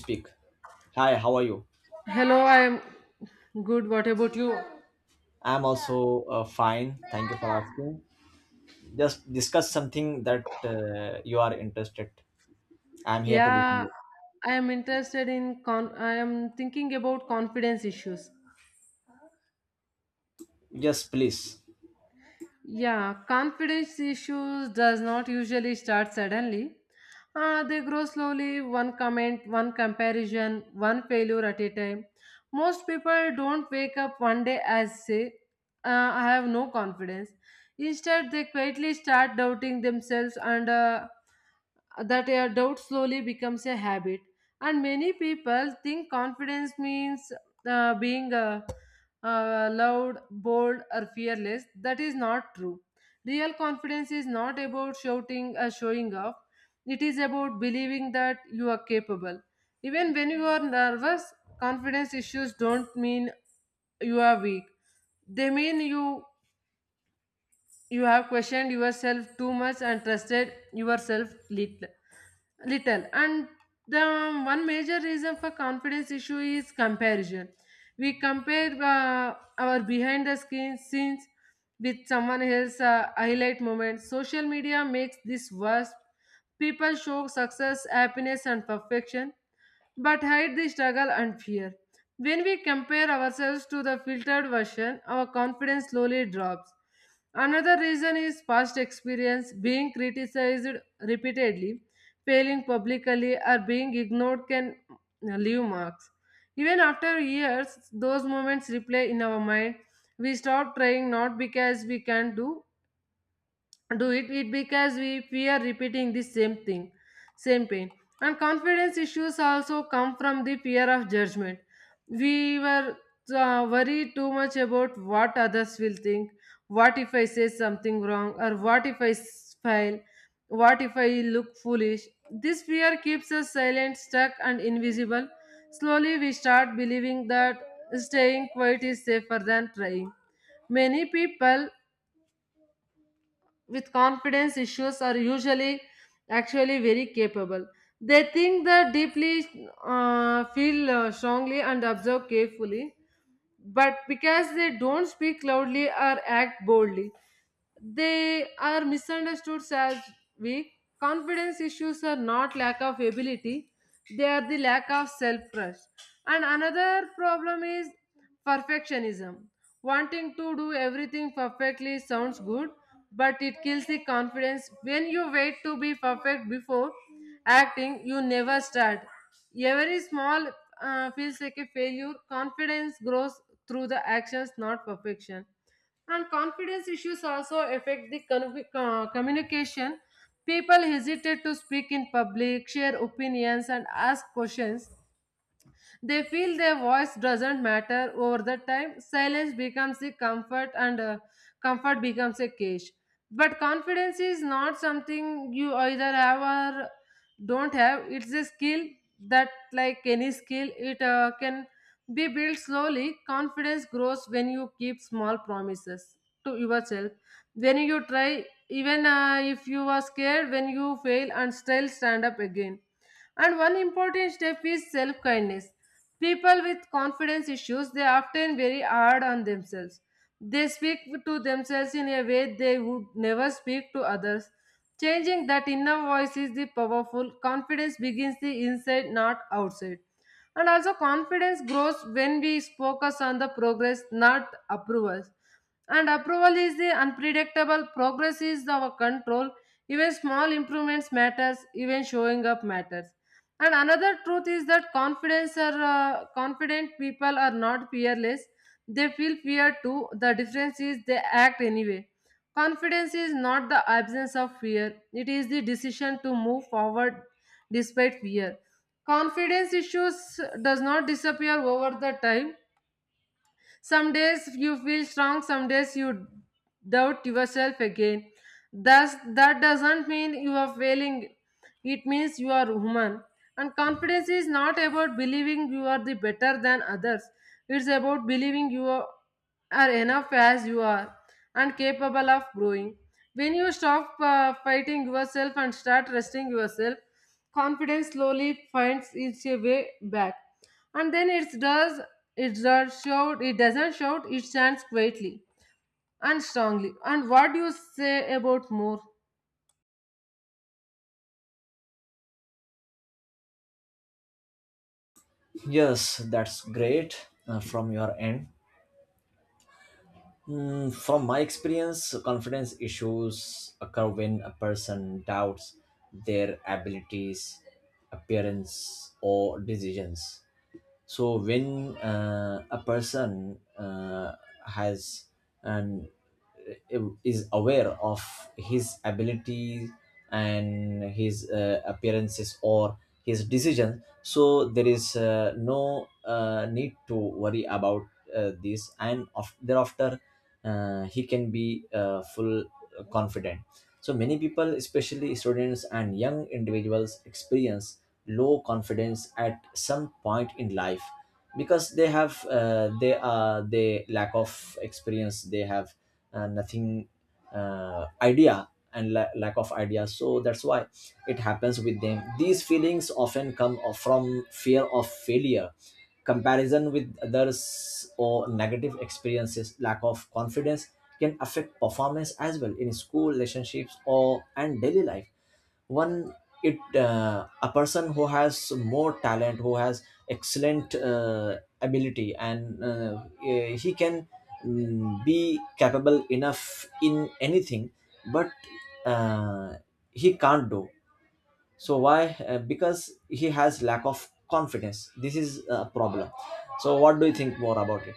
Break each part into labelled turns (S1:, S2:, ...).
S1: Speak. Hi, how are you?
S2: Hello, I am good. What about you?
S1: I'm also fine. Thank you for asking. Just discuss something that you are interested. I'm here to listen.
S2: Yeah,
S1: You.
S2: I am interested in con I am thinking about confidence issues.
S1: Yes, please.
S2: Yeah, confidence issues does not usually start suddenly. They grow slowly, one comment, one comparison, one failure at a time. Most people don't wake up one day as say, uh, I have no confidence. Instead, they quietly start doubting themselves, and that a doubt slowly becomes a habit. And many people think confidence means being loud, bold, or fearless. That is not true. Real confidence is not about shouting or showing off, it is about believing that you are capable. Even when you are nervous, confidence issues don't mean you are weak, they mean you have questioned yourself too much and trusted yourself little. And the one major reason for confidence issue is comparison. We compare our behind the screen scenes with someone else's highlight moments. Social media makes this worse. People show success, happiness, and perfection, but hide the struggle and fear. When we compare ourselves to the filtered version, our confidence slowly drops. Another reason is past experience, being criticized repeatedly, failing publicly, or being ignored can leave marks. Even after years, those moments replay in our mind. We stop trying not because we can't do, do it, because we fear repeating the same pain. And confidence issues also come from the fear of judgment. We were worried too much about what others will think, what if I say something wrong, or what if I fail, what if I look foolish. This fear keeps us silent, stuck, and invisible. Slowly, we start believing that staying quiet is safer than trying. Many people with confidence issues are usually actually very capable. They think the deeply, feel strongly, and observe carefully, but because they don't speak loudly or act boldly, they are misunderstood as weak. Confidence issues are not lack of ability, they are the lack of self trust. And another problem is perfectionism. Wanting to do everything perfectly sounds good, but it kills the confidence. When you wait to be perfect before acting, you never start. Every small feels like a failure. Confidence grows through the actions, not perfection, and confidence issues also affect the communication. People hesitate to speak in public, share opinions, and ask questions. They feel their voice doesn't matter over the time. Silence becomes a comfort, and comfort becomes a cage. But confidence is not something you either have or don't have. It's a skill that, like any skill, it can be built slowly. Confidence grows when you keep small promises to yourself. When you try, even if you are scared, when you fail and still stand up again. And one important step is self kindness. People with confidence issues, they are often very hard on themselves. They speak to themselves in a way they would never speak to others. Changing that inner voice is the powerful. Confidence begins the inside, not outside. And also confidence grows when we focus on the progress, not approvals. And approval is the unpredictable, progress is our control. Even small improvements matters, even showing up matters. And another truth is that confidence are confident people are not fearless. They feel fear too. The difference is they act anyway. Confidence is not the absence of fear. It is the decision to move forward despite fear. Confidence issues does not disappear over the time. Some days you feel strong, some days you doubt yourself again. Thus, that doesn't mean you are failing, it means you are human. And confidence is not about believing you are the better than others, it's about believing you are enough as you are and capable of growing. When you stop fighting yourself and start trusting yourself, confidence slowly finds its way back. And then it doesn't shout, it stands quietly and strongly. And what do you say about more?
S1: Yes, that's great from your end. From my experience, confidence issues occur when a person doubts their abilities, appearance, or decisions. So when a person has and is aware of his abilities and his appearances or his decisions, so there is no need to worry about this and of, thereafter he can be full confident. So many people, especially students and young individuals, experience low confidence at some point in life because they have they lack of experience, they have nothing idea and lack of idea, so that's why it happens with them. These feelings often come from fear of failure, comparison with others, or negative experiences. Lack of confidence can affect performance as well in school, relationships, or and daily life. One, it a person who has more talent, who has excellent ability, and he can, be capable enough in anything, but uh, he can't do. So why? Because he has lack of confidence. This is a problem. So what do you think more about it?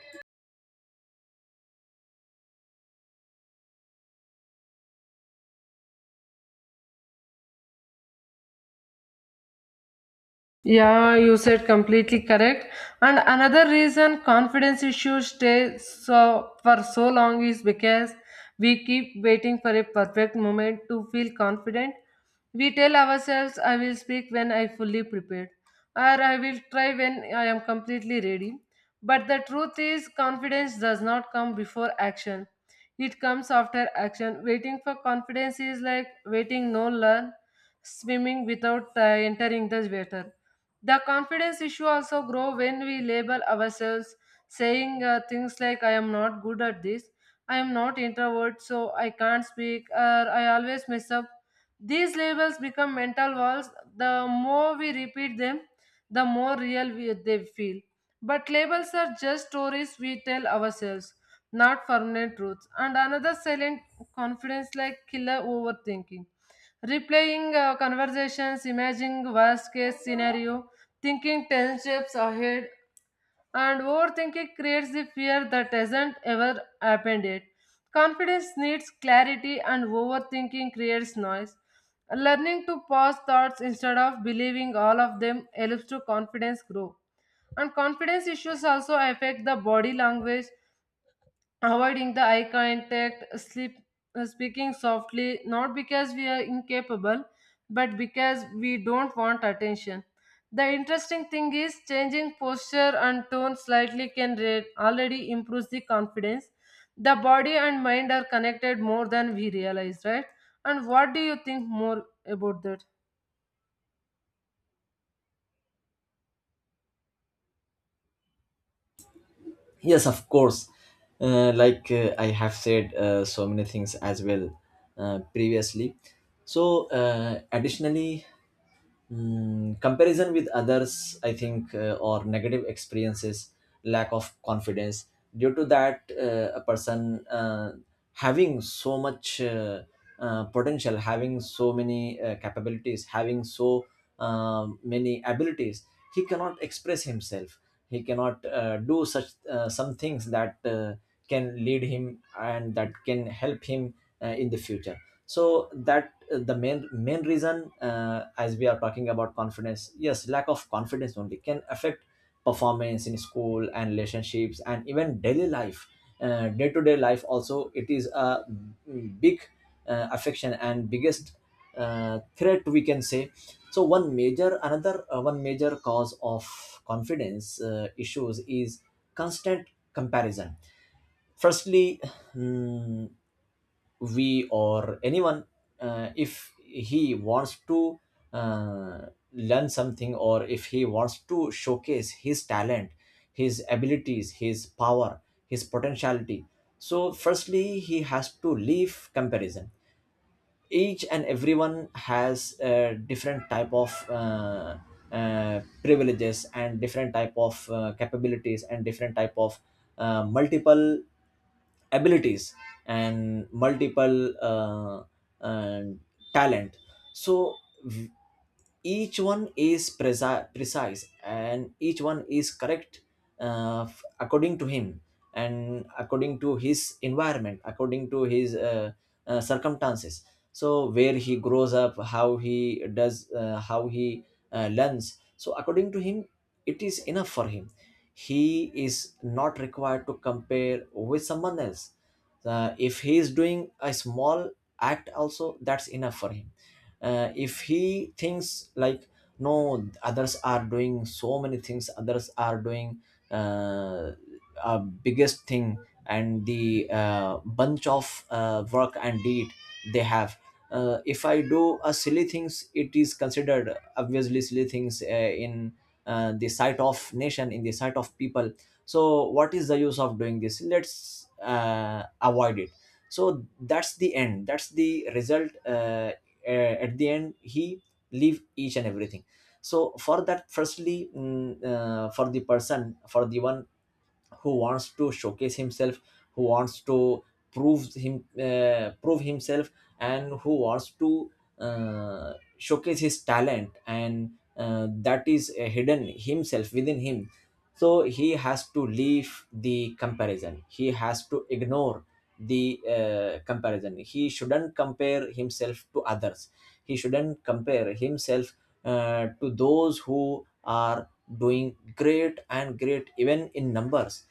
S2: Yeah, you said completely correct. And another reason confidence issues stay for so long is because we keep waiting for a perfect moment to feel confident. We tell ourselves, I will speak when I fully prepared, or I will try when I am completely ready. But the truth is, confidence does not come before action. It comes after action. Waiting for confidence is like waiting no learn swimming without entering the water. The confidence issue also grow when we label ourselves, saying things like "I am not good at this," "I am not introvert, so I can't speak," or "I always mess up." These labels become mental walls. The more we repeat them, the more real they feel. But labels are just stories we tell ourselves, not permanent truths. And another silent confidence like killer overthinking, replaying conversations, imagining worst case scenario, thinking 10 steps ahead, and overthinking creates the fear that hasn't ever happened yet. Confidence needs clarity, and overthinking creates noise. Learning to pause thoughts instead of believing all of them helps to confidence grow. And confidence issues also affect the body language, avoiding the eye contact, sleep, speaking softly, not because we are incapable, but because we don't want attention. The interesting thing is changing posture and tone slightly can already improve the confidence. The body and mind are connected more than we realize, right? And what do you think more about that?
S1: Yes, of course. Like I have said so many things as well previously. So, additionally, comparison with others, I think, or negative experiences, lack of confidence. Due to that, a person having so much potential, having so many capabilities, having so many abilities, he cannot express himself. He cannot do such some things that can lead him and that can help him in the future. So that the main reason as we are talking about confidence, yes, lack of confidence only can affect performance in school and relationships and even daily life. Day-to-day life also, it is a big affection and biggest threat, we can say. So one major, another one major cause of confidence issues is constant comparison. Firstly, mm, we or anyone, if he wants to uh, learn something, or if he wants to showcase his talent, his abilities, his power, his potentiality, so firstly he has to leave comparison. Each and everyone has a different type of privileges and different type of capabilities and different type of multiple abilities and multiple uh, talent. So each one is precise and each one is correct, according to him and according to his environment, according to his circumstances. So where he grows up, how he does, how he learns, so according to him it is enough for him. He is not required to compare with someone else. If he is doing a small act also, that's enough for him. If he thinks like no, others are doing so many things, others are doing uh, a biggest thing and the bunch of work and deed they have, if I do a silly things, it is considered obviously silly things in the sight of nation, in the sight of people, so what is the use of doing this, let's avoid it. So that's the end, that's the result, at the end he leave each and everything. So for that, firstly, for the person, for the one who wants to showcase himself, who wants to prove himself and who wants to showcase his talent and that is hidden himself within him. So he has to leave the comparison, he has to ignore the comparison. He shouldn't compare himself to others, he shouldn't compare himself to those who are doing great and great even in numbers,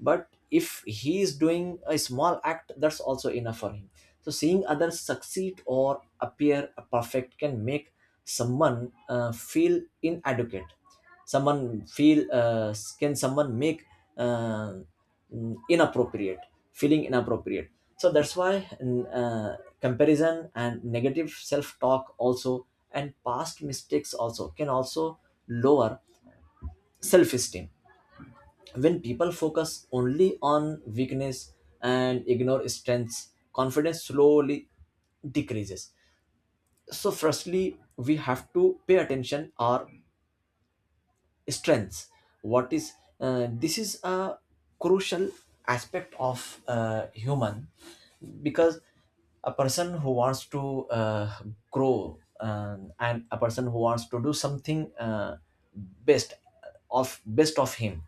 S1: but if he is doing a small act, that's also enough for him. So seeing others succeed or appear perfect can make someone feel inadequate, someone feel can someone make uh, mm, inappropriate, feeling inappropriate. So that's why, comparison and negative self-talk also, and past mistakes also, can also lower self-esteem. When people focus only on weakness and ignore strengths, confidence slowly decreases. So firstly we have to pay attention or strengths. What is this is a crucial aspect of human, because a person who wants to grow and a person who wants to do something best, of best of him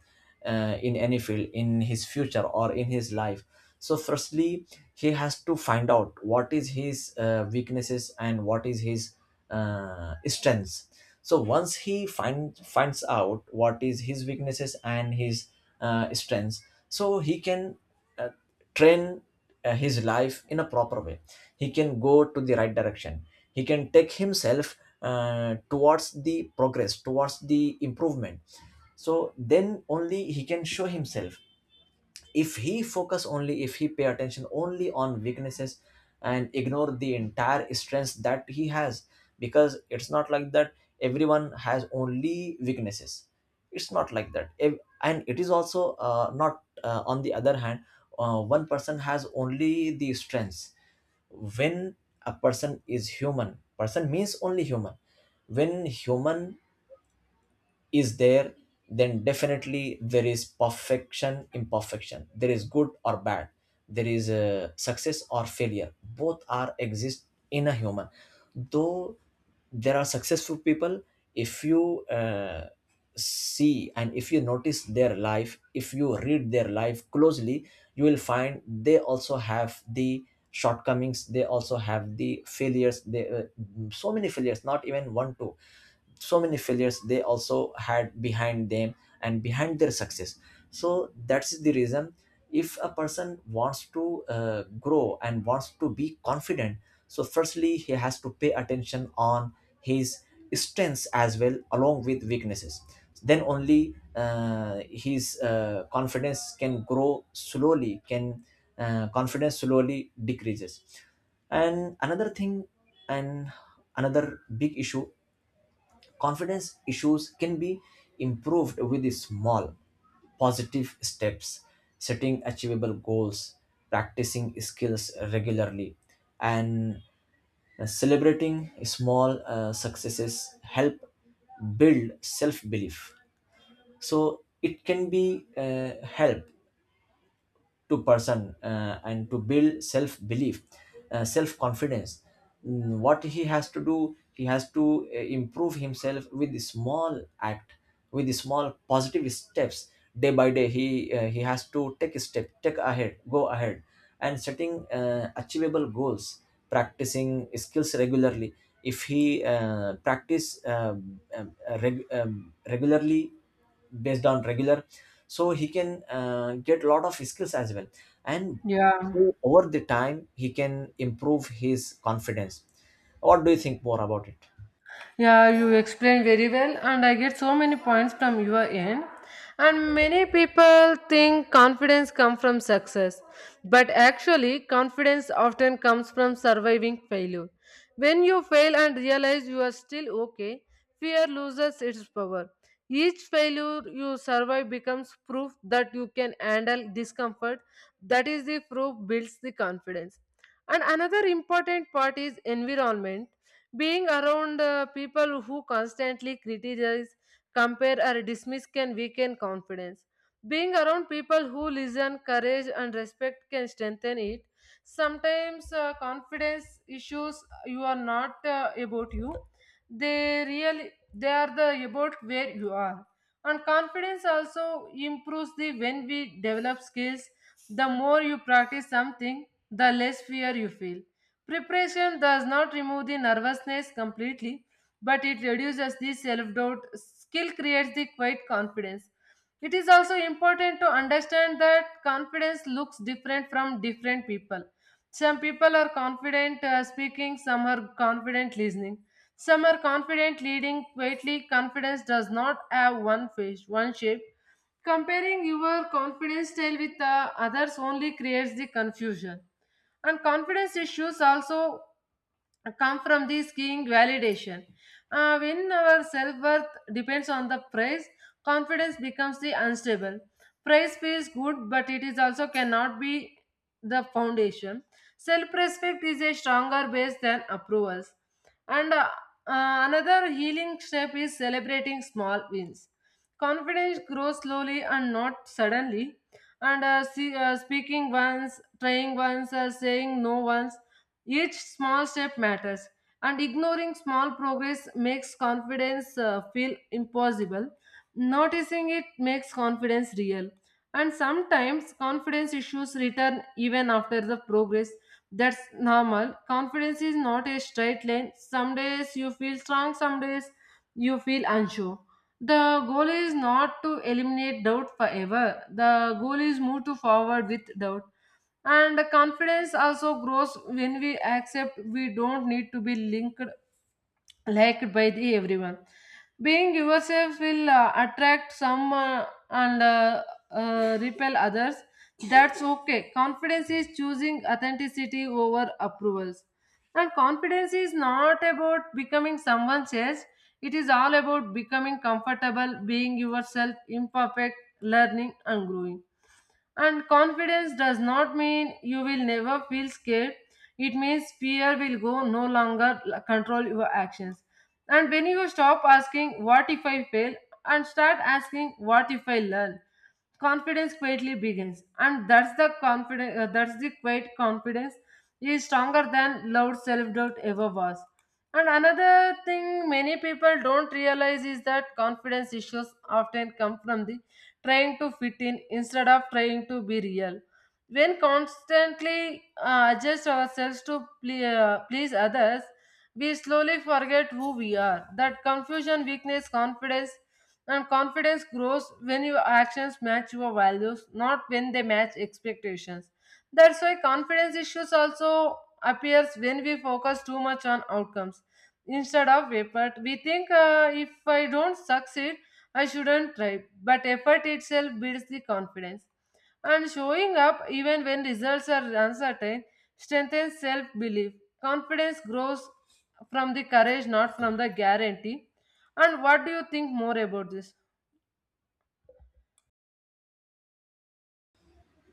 S1: in any field, in his future or in his life, so firstly he has to find out what is his weaknesses and what is his strengths. So once he finds out what is his weaknesses and his strengths, so he can uh, train his life in a proper way. He can go to the right direction, he can take himself towards the progress, towards the improvement. So then only he can show himself. If he focus only, if he pay attention only on weaknesses and ignore the entire strengths that he has, because it's not like that everyone has only weaknesses. It's not like that. And it is also not, on the other hand, one person has only the strengths. When a person is human, person means only human. When human is there, then definitely there is perfection, imperfection, there is good or bad, there is a success or failure, both are exist in a human. Though there are successful people, if you see and if you notice their life, if you read their life closely, you will find they also have the shortcomings, they also have the failures, they so many failures, not even one two, so many failures they also had behind them, and behind their success. So that's the reason. If a person wants to grow and wants to be confident, so firstly he has to pay attention on his strengths as well along with weaknesses. Then only his confidence can grow slowly, can confidence slowly decreases. And another thing, and another big issue. Confidence issues can be improved with the small, positive steps, setting achievable goals, practicing skills regularly, and celebrating small successes help build self belief. So it can be help to person and to build self belief, self confidence. What he has to do, he has to improve himself with small act, with small positive steps. Day by day he has to take a step, take ahead, go ahead. And setting achievable goals, practicing skills regularly. If he practice regularly, based on regular, so he can get a lot of skills as well, and
S2: Yeah.
S1: through, over the time, he can improve his confidence. What do you think more about it?
S2: Yeah, you explained very well, and I get so many points from your end. And many people think confidence comes from success, but actually, confidence often comes from surviving failure. When you fail and realize you are still okay, fear loses its power. Each failure you survive becomes proof that you can handle discomfort. That is the proof builds the confidence. And another important part is environment. Being around people who constantly criticize, compare, or dismiss can weaken confidence. Being around people who listen, courage, and respect can strengthen it. Sometimes confidence issues you are not about you, they are the about where you are. And confidence also improves the when we develop skills. The more you practice something, the less fear you feel. Preparation does not remove the nervousness completely, but it reduces the self doubt. Skill creates the quiet confidence. It is also important to understand that confidence looks different from different people. Some people are confident speaking, some are confident listening, some are confident leading. Quietly, confidence does not have one face, one shape. Comparing your confidence style with others only creates the confusion. And confidence issues also come from the skiing validation. When our self worth depends on the price, confidence becomes the unstable. Price feels good, but it is also cannot be the foundation. Self respect is a stronger base than approvals. And another healing step is celebrating small wins. Confidence grows slowly and not suddenly, and speaking once, trying once, saying no once. Each small step matters, and ignoring small progress makes confidence feel impossible. Noticing it makes confidence real, and sometimes confidence issues return even after the progress, that's normal. Confidence is not a straight line. Some days you feel strong, some days you feel unsure. The goal is not to eliminate doubt forever. The goal is move to forward with doubt. And the confidence also grows when we accept we don't need to be linked liked by the everyone. Being yourself will attract some and repel others, that's okay. Confidence is choosing authenticity over approvals. And confidence is not about becoming someone else, it is all about becoming comfortable, being yourself, imperfect, learning, and growing. And confidence does not mean you will never feel scared. It means fear will go no longer control your actions. And when you stop asking, What if I fail? And start asking, What if I learn? Confidence quietly begins. And that's the confidence, that's the quiet confidence is stronger than loud self doubt ever was. And another thing many people don't realize is that confidence issues often come from the trying to fit in instead of trying to be real. When constantly adjust ourselves to please others, we slowly forget who we are. That confusion weakness confidence, and confidence grows when your actions match your values, not when they match expectations. That's why confidence issues also appears when we focus too much on outcomes instead of effort. We think if I don't succeed, I shouldn't try. But effort itself builds the confidence. And showing up even when results are uncertain strengthens self belief. Confidence grows from the courage, not from the guarantee. And what do you think more about this?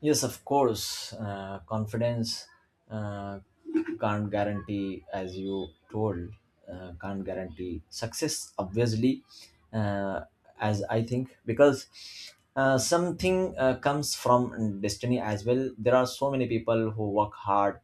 S1: Yes, of course, confidence uh, can't guarantee, as you told, can't guarantee success, obviously, uh, as I think, because something comes from destiny as well. There are so many people who work hard,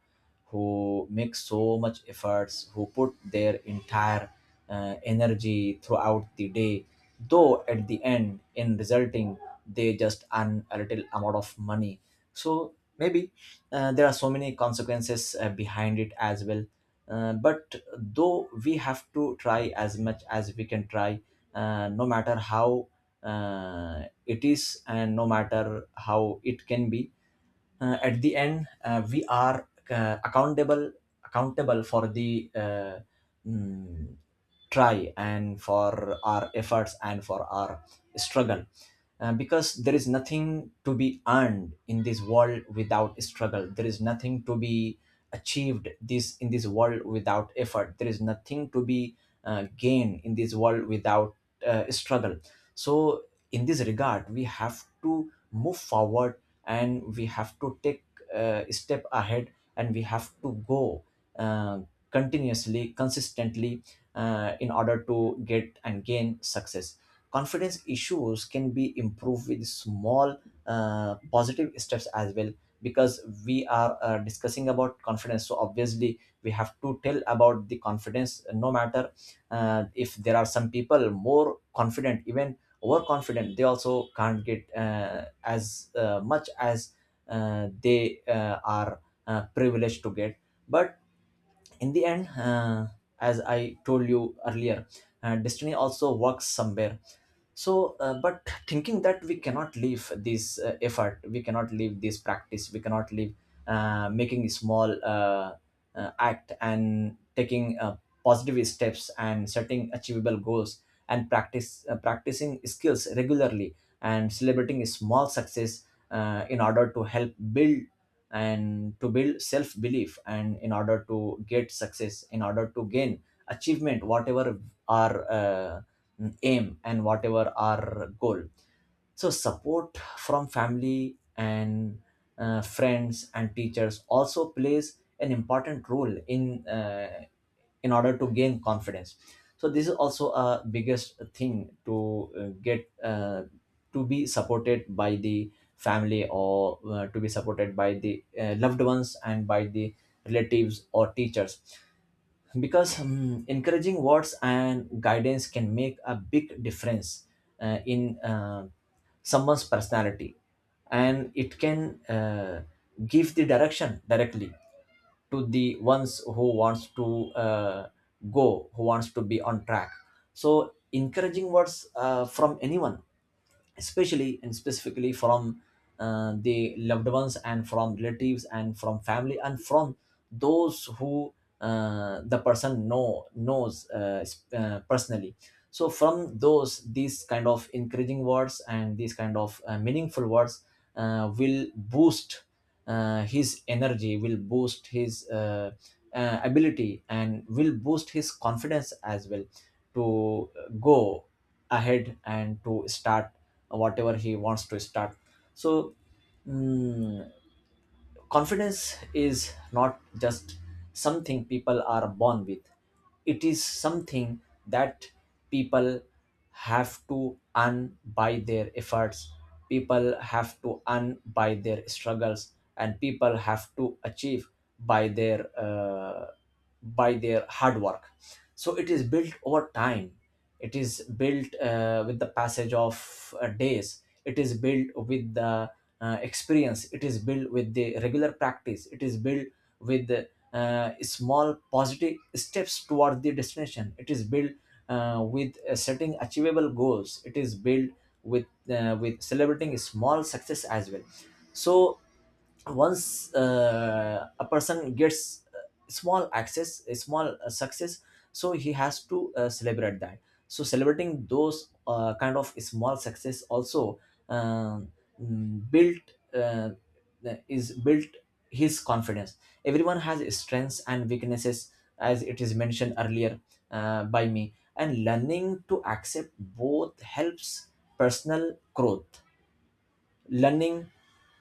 S1: who make so much efforts, who put their entire energy throughout the day, though at the end, in resulting, they just earn a little amount of money. So maybe there are so many consequences behind it as well. But though we have to try as much as we can try, no matter how it is, and no matter how it can be, at the end we are accountable for the, mm, try, and for our efforts, and for our struggle. Because there is nothing to be earned in this world without struggle, there is nothing to be achieved this in this world without effort, there is nothing to be gained in this world without struggle. So in this regard, we have to move forward, and we have to take a step ahead, and we have to go uh, continuously, consistently, in order to get and gain success. Confidence issues can be improved with small positive steps as well, because we are discussing about confidence, so obviously we have to tell about the confidence, no matter. If there are some people more confident, even overconfident, they also can't get as much as they are privileged to get. But in the end, as I told you earlier, destiny also works somewhere. So but thinking that, we cannot leave this effort, we cannot leave this practice, we cannot leave making a small act, and taking positive steps, and setting achievable goals, and practice practicing skills regularly, and celebrating a small success, in order to help build and to build self belief, and in order to get success, in order to gain achievement, whatever our aim and whatever our goal. So support from family and friends and teachers also plays an important role in, in order to gain confidence. So this is also a biggest thing to get, to be supported by the family, or to be supported by the loved ones, and by the relatives or teachers, because encouraging words and guidance can make a big difference in someone's personality, and it can give the direction directly to the ones who wants to go, who wants to be on track. So encouraging words from anyone, especially and specifically from the loved ones, and from relatives, and from family, and from those who the person knows, personally. So from those, these kind of encouraging words, and these kind of meaningful words will boost his energy, will boost his ability, and will boost his confidence as well, to go ahead and to start whatever he wants to start. So mm, confidence is not just something people are born with. It is something that people have to earn by their efforts, people have to earn by their struggles, and people have to achieve by their uh, by their hard work. So it is built over time, it is built with the passage of days, it is built with the experience, it is built with the regular practice, it is built with small positive steps toward the destination, it is built with setting achievable goals, it is built with celebrating small success as well. So once a person gets small access, a small success, so he has to celebrate that. So celebrating those kind of small success also um, built uh, is built his confidence. Everyone has strengths and weaknesses, as it is mentioned earlier by me, and learning to accept both helps personal growth. Learning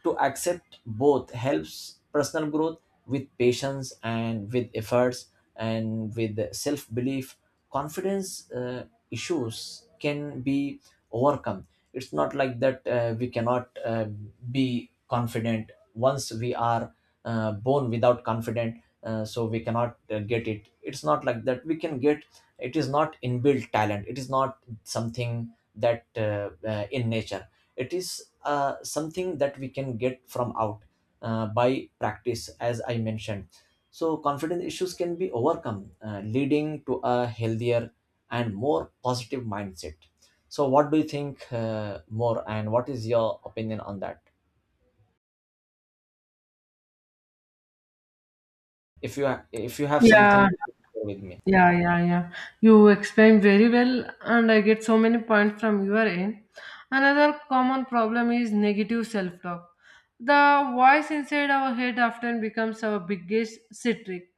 S1: to accept both helps personal growth with patience and with efforts and with self belief. Confidence issues can be overcome. It's not like that we cannot be confident once we are born without confident, so we cannot get it. It's not like that we can get. It is not inbuilt talent, it is not something that in nature, it is something that we can get from out by practice, as I mentioned. So confidence issues can be overcome, leading to a healthier and more positive mindset. So what do you think more, and what is your opinion on that? If you if you have something,
S2: Yeah,
S1: share with me.
S2: Yeah, yeah, yeah. You explain very well, and I get so many points from your end. Another common problem is negative self talk. The voice inside our head often becomes our biggest sit trick.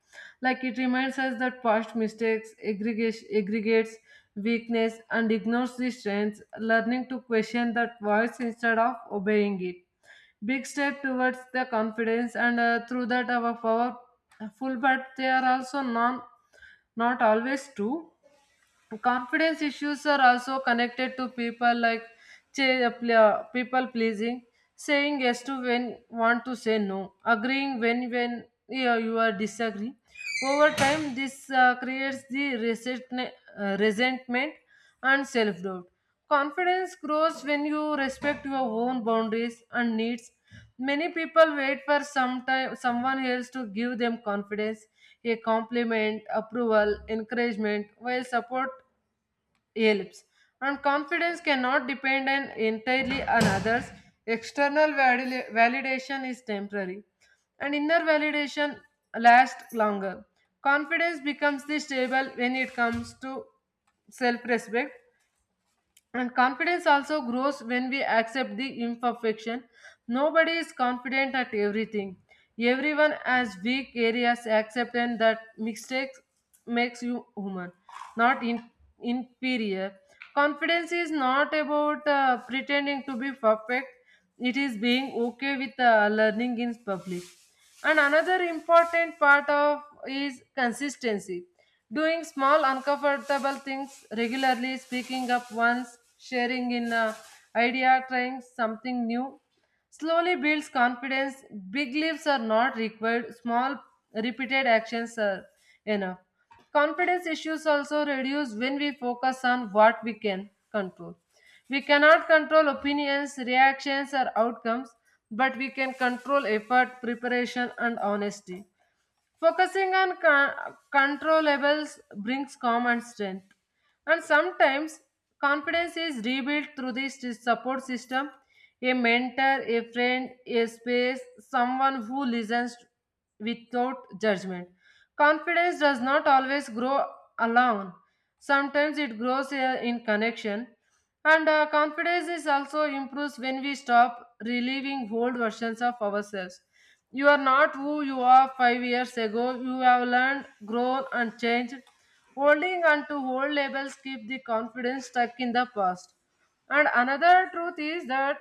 S2: Like it reminds us that past mistakes, aggregates weakness, and ignores the strengths, learning to question that voice instead of obeying it. Big step towards the confidence, and through that, our power full, but they are also non not always true. Confidence issues are also connected to people like people pleasing, saying yes to when want to say no, agreeing when, yeah, you are disagree. Over time, this creates the resentment and self doubt. Confidence grows when you respect your own boundaries and needs. Many people wait for some time, someone else to give them confidence, a compliment, approval, encouragement, while support helps. And confidence cannot depend on entirely on others. External validation is temporary, and inner validation lasts longer. Confidence becomes the stable when it comes to self-respect, and confidence also grows when we accept the imperfection. Nobody is confident at everything. Everyone has weak areas, accept that mistakes makes you human, not inferior. Confidence is not about pretending to be perfect. It is being okay with learning in public. And another important part of is consistency. Doing small uncomfortable things regularly, speaking up once, sharing in idea, trying something new, slowly builds confidence. Big leaps are not required. Small repeated actions are enough. Confidence issues also reduce when we focus on what we can control. We cannot control opinions, reactions, or outcomes, but we can control effort, preparation, and honesty. Focusing on controllables brings calm and strength. And sometimes confidence is rebuilt through this support system: a mentor, a friend, a space, someone who listens without judgment. Confidence does not always grow alone; sometimes it grows in connection. And confidence is also improves when we stop relieving old versions of ourselves. You are not who you are 5 years ago. You have learned, grown, and changed. Holding on to old labels keep the confidence stuck in the past. And another truth is that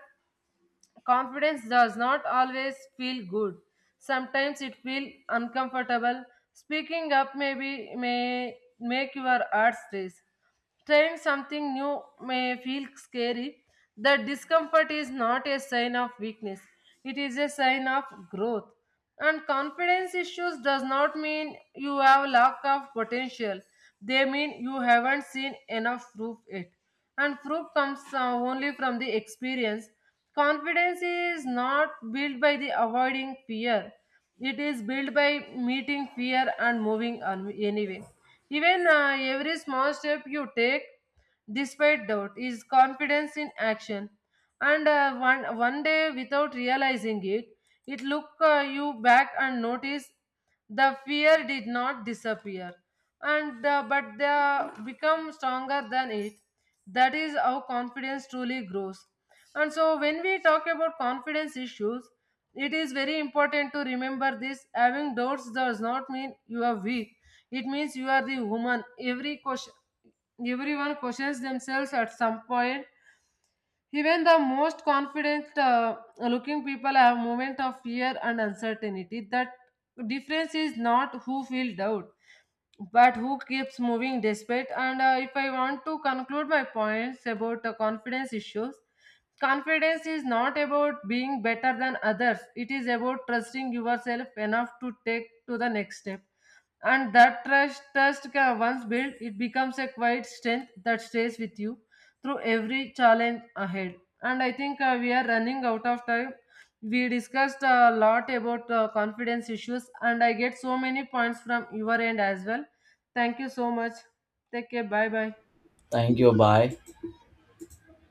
S2: confidence does not always feel good. Sometimes it feels uncomfortable. Speaking up may make your heart race. Trying something new may feel scary. The discomfort is not a sign of weakness. It is a sign of growth. And confidence issues does not mean you have lack of potential. They mean you haven't seen enough proof yet. And proof comes only from the experience. Confidence is not built by the avoiding fear. It is built by meeting fear and moving on anyway. Even every small step you take, despite doubt, is confidence in action. And one day, without realizing it, it look you back and notice the fear did not disappear and but they become stronger than it. That is how confidence truly grows. And so when we talk about confidence issues, it is very important to remember this: having doubts does not mean you are weak, it means you are the woman every question. Everyone questions themselves at some point. Even the most confident looking people have moment of fear and uncertainty. That difference is not who feel doubt, but who keeps moving despite. And if I want to conclude my points about the confidence issues, confidence is not about being better than others. It is about trusting yourself enough to take to the next step, and that trust can once built, it becomes a quiet strength that stays with you through every challenge ahead. And I think we are running out of time. We discussed a lot about confidence issues, and I get so many points from your end as well. Thank you so much. Take care. Bye bye.
S1: Thank you, bye.